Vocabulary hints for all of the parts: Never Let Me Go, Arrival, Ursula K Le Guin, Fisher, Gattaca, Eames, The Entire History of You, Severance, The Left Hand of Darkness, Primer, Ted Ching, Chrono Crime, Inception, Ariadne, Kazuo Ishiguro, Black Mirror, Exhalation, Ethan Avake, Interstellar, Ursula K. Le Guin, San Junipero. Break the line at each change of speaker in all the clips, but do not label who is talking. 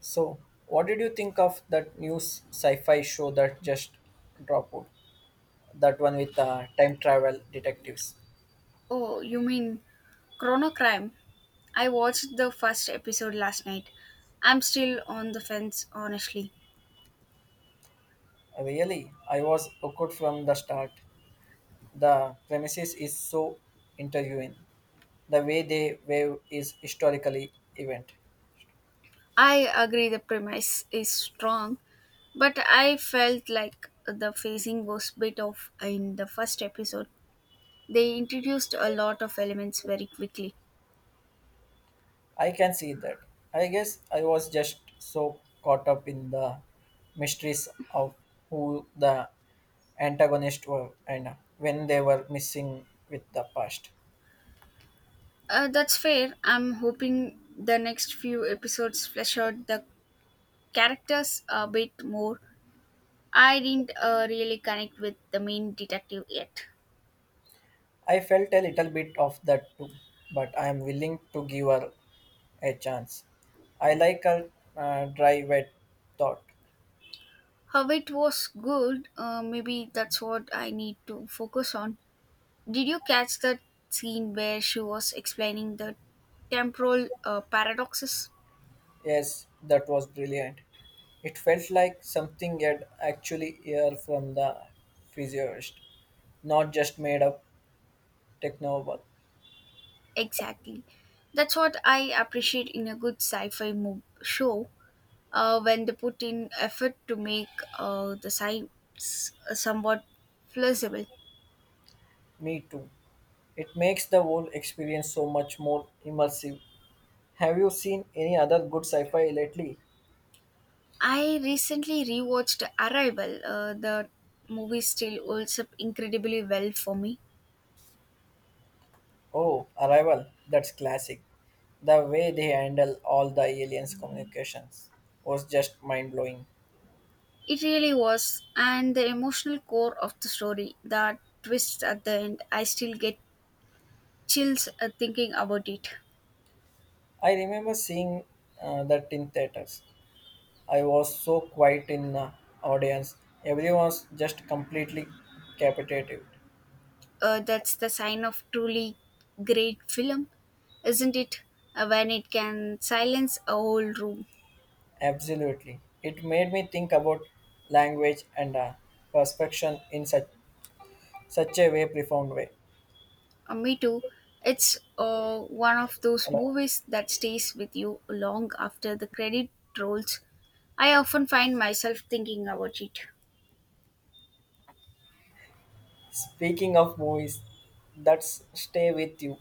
So, what did you think of that new sci-fi show that just dropped? That one with time travel detectives.
Oh, you mean Chrono Crime? I watched the first episode last night. I'm still on the fence, honestly.
Really, I was hooked from the start. The premises is so interviewing. The way they wave is historically event.
I agree the premise is strong, but I felt like the phasing was bit off in the first episode. They introduced a lot of elements very quickly.
I can see that. I guess I was just so caught up in the mysteries of who the antagonists were and when they were missing with the past.
That's fair. I'm hoping the next few episodes flesh out the characters a bit more. I didn't really connect with the main detective yet.
I felt a little bit of that too, but I am willing to give her a chance. I like her dry, wet thought.
How it was good. Maybe that's what I need to focus on. Did you catch that scene where she was explaining the temporal paradoxes?
Yes, that was brilliant. It felt like something had actually heard from the physiologist, not just made up technobabble.
Exactly. That's what I appreciate in a good sci fi show when they put in effort to make the science somewhat plausible.
Me too. It makes the whole experience so much more immersive. Have you seen any other good sci-fi lately?
I recently rewatched Arrival. The movie still holds up incredibly well for me.
Oh, Arrival, that's classic. The way they handle all the aliens' communications was just mind blowing.
It really was, and the emotional core of the story, that twist at the end, I still get chills thinking about it.
I remember seeing that in theaters. I was so quiet in the audience. Everyone was just completely captivated.
That's the sign of truly great film, isn't it? When it can silence a whole room.
Absolutely. It made me think about language and perception in such a way, profound way.
Me too. It's one of those
Hello.
movies that stays with you long after the credit rolls. I often find myself thinking about it.
Speaking of movies that stay with you,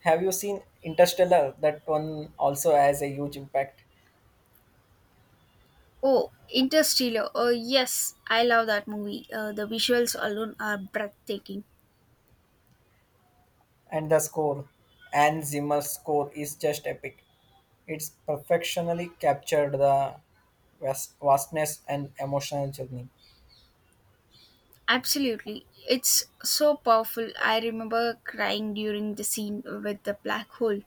have you seen Interstellar? That one also has a huge impact.
Oh, Interstellar. Oh, yes, I love that movie. The visuals alone are breathtaking.
And the score, and Zimmer's score is just epic. It's perfectionally captured the vastness and emotional journey.
Absolutely. It's so powerful. I remember crying during the scene with the black hole.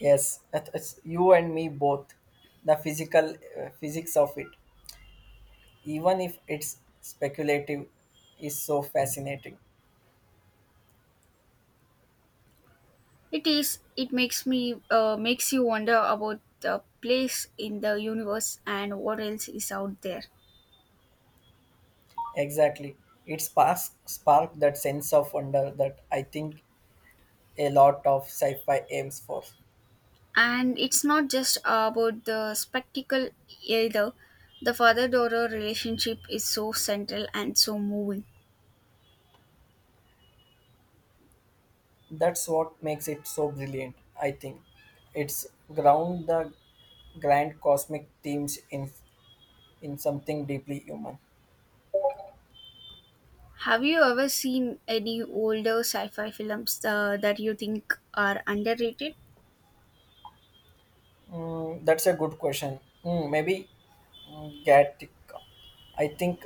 Yes, it's you and me both. The physical physics of it, even if it's speculative, is so fascinating.
It is. It makes me makes you wonder about the place in the universe and what else is out there.
Exactly. It sparks sparked that sense of wonder that I think a lot of sci-fi aims for.
And it's not just about the spectacle either. The father-daughter relationship is so central and so moving.
That's what makes it so brilliant, I think. It's ground the grand cosmic themes in something deeply human.
Have you ever seen any older sci-fi films that you think are underrated?
That's a good question. Maybe Gattaca. I think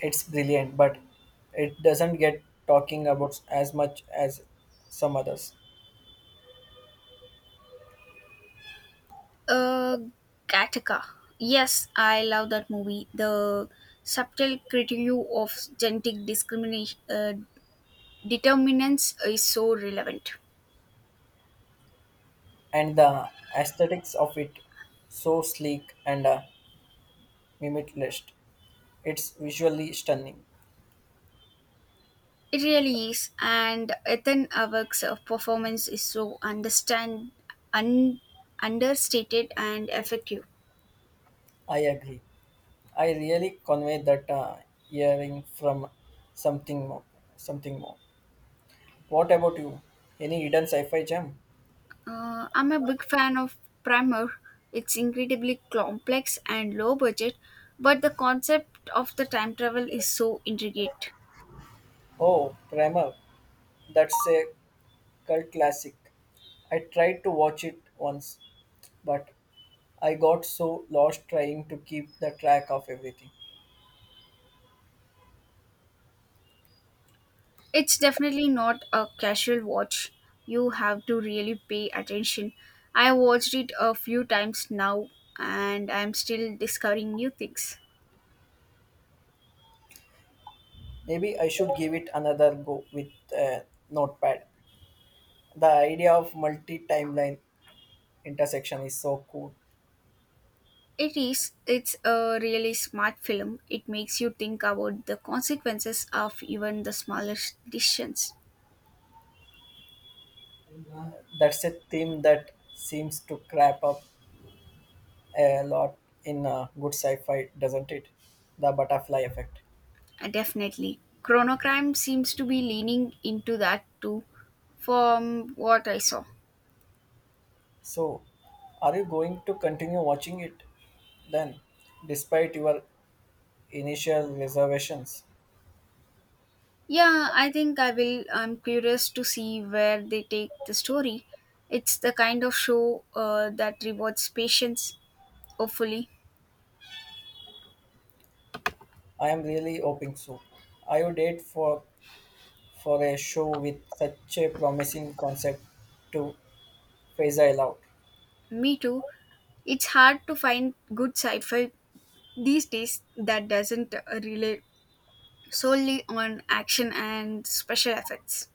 it's brilliant, but it doesn't get talking about as much as some others.
Uh, Gattaca. Yes, I love that movie. The subtle critique of genetic discrimination determinants is so relevant.
And the aesthetics of it so sleek and limitless. It's visually stunning.
It really is, and Ethan Avake's performance is so understand un- understated and effective.
I agree. I really convey that hearing from something more. Something more. What about you? Any hidden sci-fi gem?
I'm a big fan of Primer. It's incredibly complex and low budget, but the concept of the time travel is so intricate.
Oh, Primer. That's a cult classic. I tried to watch it once, but I got so lost trying to keep the track of everything.
It's definitely not a casual watch. You have to really pay attention. I watched it a few times now and I'm still discovering new things.
Maybe I should give it another go with a notepad. The idea of multi timeline intersection is so cool.
It is. It's a really smart film. It makes you think about the consequences of even the smallest decisions.
That's a theme that seems to crop up a lot in good sci fi, doesn't it? The butterfly effect.
Definitely. Chronocrime seems to be leaning into that too, from what I saw.
So, are you going to continue watching it then, despite your initial reservations?
Yeah, I think I will. I'm curious to see where they take the story. It's the kind of show that rewards patience, hopefully.
I am really hoping so. I would date for a show with such a promising concept to Faisal out.
Me too. It's hard to find good sci fi these days that doesn't rely solely on action and special effects.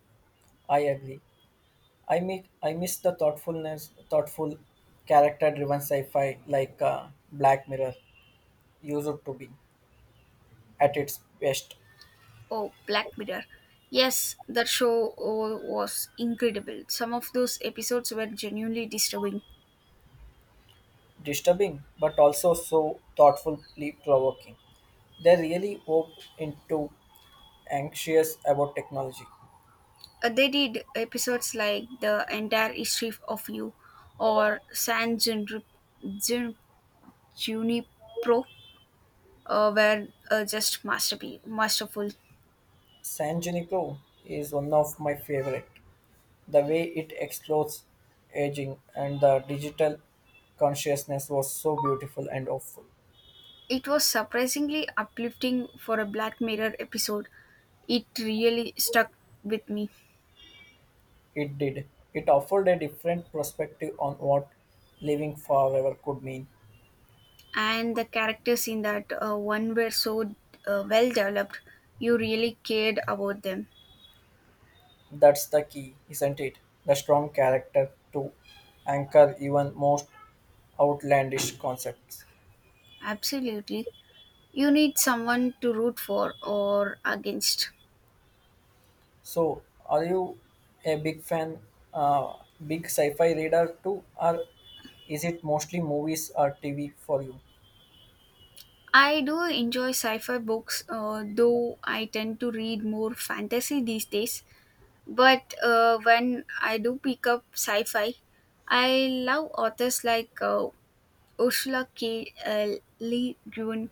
I agree. I miss the thoughtful, character-driven sci-fi like Black Mirror used to be at its best.
Oh, Black Mirror. Yes, that show oh, was incredible. Some of those episodes were genuinely disturbing.
Disturbing, but also so thoughtfully provoking. They really walked into anxious about technology.
They did episodes like The Entire History of You or San Junipro, Jun- Junipero, were just masterful.
San Junipero is one of my favorite. The way it explores aging and the digital consciousness was so beautiful and hopeful.
It was surprisingly uplifting for a Black Mirror episode. It really stuck with me.
It did. It offered a different perspective on what living forever could mean.
And the characters in that one were so well developed, you really cared about them.
That's the key, isn't it? The strong character to anchor even most outlandish concepts.
Absolutely, you need someone to root for or against.
So, are you a big fan, uh, big sci-fi reader too, or is it mostly movies or TV for you?
I do enjoy sci-fi books though I tend to read more fantasy these days, but when I do pick up sci-fi, I love authors like Ursula K Le Guin.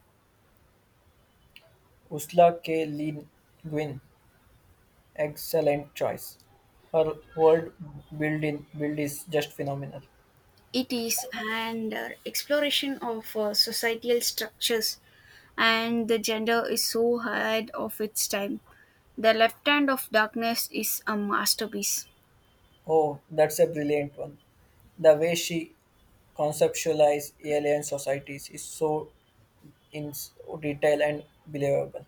Ursula K. Le Guin, excellent choice. Her world building build is just phenomenal.
It is, and exploration of societal structures, and the gender is so ahead of its time. The Left Hand of Darkness is a masterpiece.
Oh, that's a brilliant one. The way she conceptualized alien societies is so in s- detail and believable.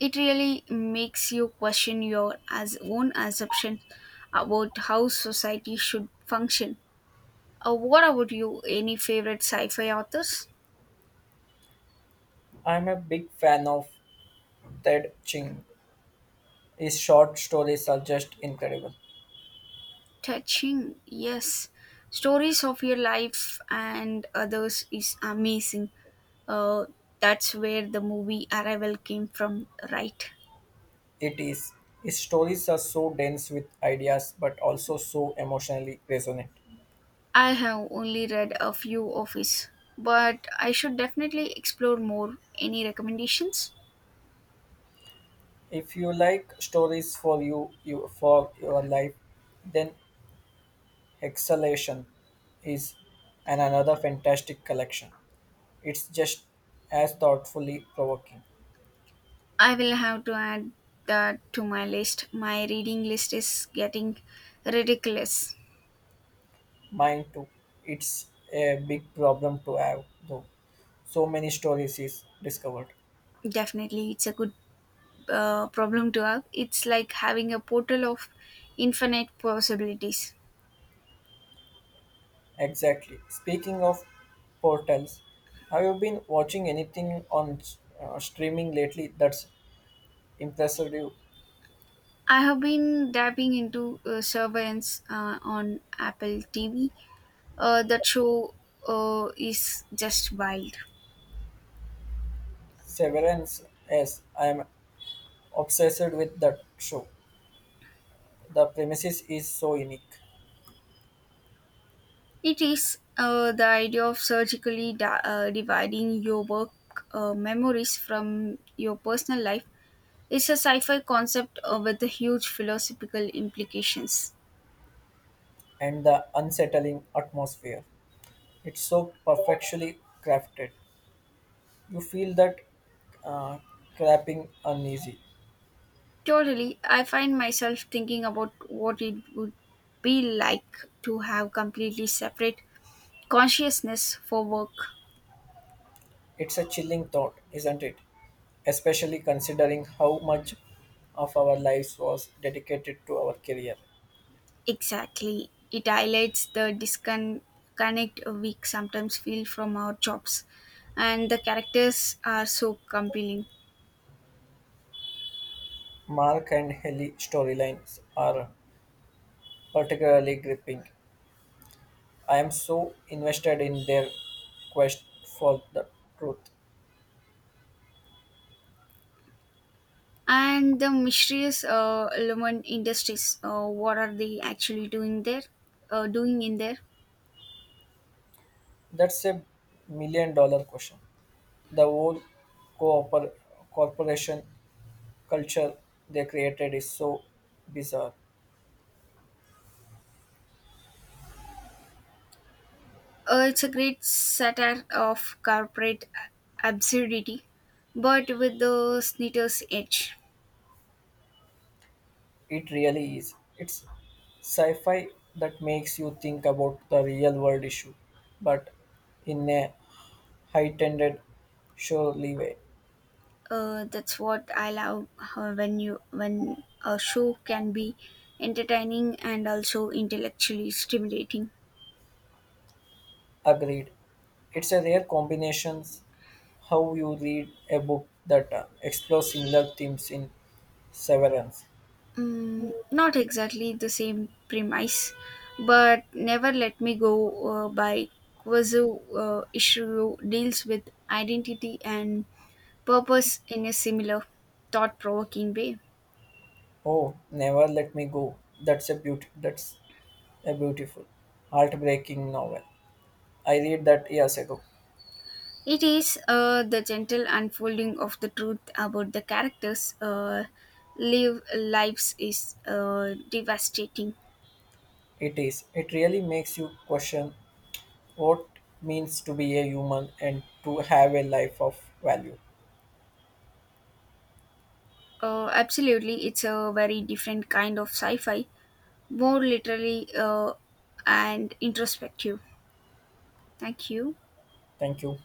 It really makes you question your as own assumption about how society should function. What about you? Any favorite sci-fi authors?
I'm a big fan of Ted Ching. His short stories are just incredible.
Touching, yes, stories of your life and others is amazing, uh, that's where the movie Arrival came from, right?
It is. His stories are so dense with ideas but also so emotionally resonant.
I have only read a few of his, but I should definitely explore more. Any recommendations?
If you like stories for you, you for your life, then Exhalation is an another fantastic collection. It's just as thoughtfully provoking.
I will have to add that to my list. My reading list is getting ridiculous.
Mine too. It's a big problem to have, though. So many stories is discovered.
Definitely, it's a good problem to have. It's like having a portal of infinite possibilities.
Exactly. Speaking of portals, have you been watching anything on streaming lately that's impressive you?
I have been dabbing into surveillance on Apple TV. That show is just wild.
Severance, yes, I am obsessed with that show. The premises is so unique
It is, the idea of surgically dividing your work memories from your personal life. It's a sci fi concept with huge philosophical implications.
and the unsettling atmosphere. It's so perfectly crafted. You feel that uh, cramping uneasy.
Totally, I find myself thinking about what it would be like to have completely separate consciousness for work.
It's a chilling thought, isn't it? Especially considering how much of our lives was dedicated to our career.
Exactly. It highlights the disconnect we sometimes feel from our jobs. And the characters are so compelling.
Mark and Helly storylines are particularly gripping. I am so invested in their quest for the truth.
And the mysterious element industries, what are they actually doing there? Doing in there?
That's a million dollar question. The whole cooper- corporation culture they created is so bizarre.
It's a great satire of corporate absurdity, but with the snitter's edge.
It really is. It's sci fi that makes you think about the real world issue, but in a heightened, surely way.
That's what I love when you when a show can be entertaining and also intellectually stimulating.
Agreed. It's a rare combination how you read a book that explores similar themes in Severance.
Mm, not exactly the same premise, but Never Let Me Go by Kwazu Ishiro deals with identity and purpose in a similar thought provoking way.
Oh, Never Let Me Go. That's a beauty. That's a beautiful, heartbreaking novel. I read that years ago.
It is, the gentle unfolding of the truth about the characters' lives is devastating.
It is. It really makes you question what means to be a human and to have a life of value.
Absolutely, it's a very different kind of sci-fi, more literally and introspective. Thank you.
Thank you.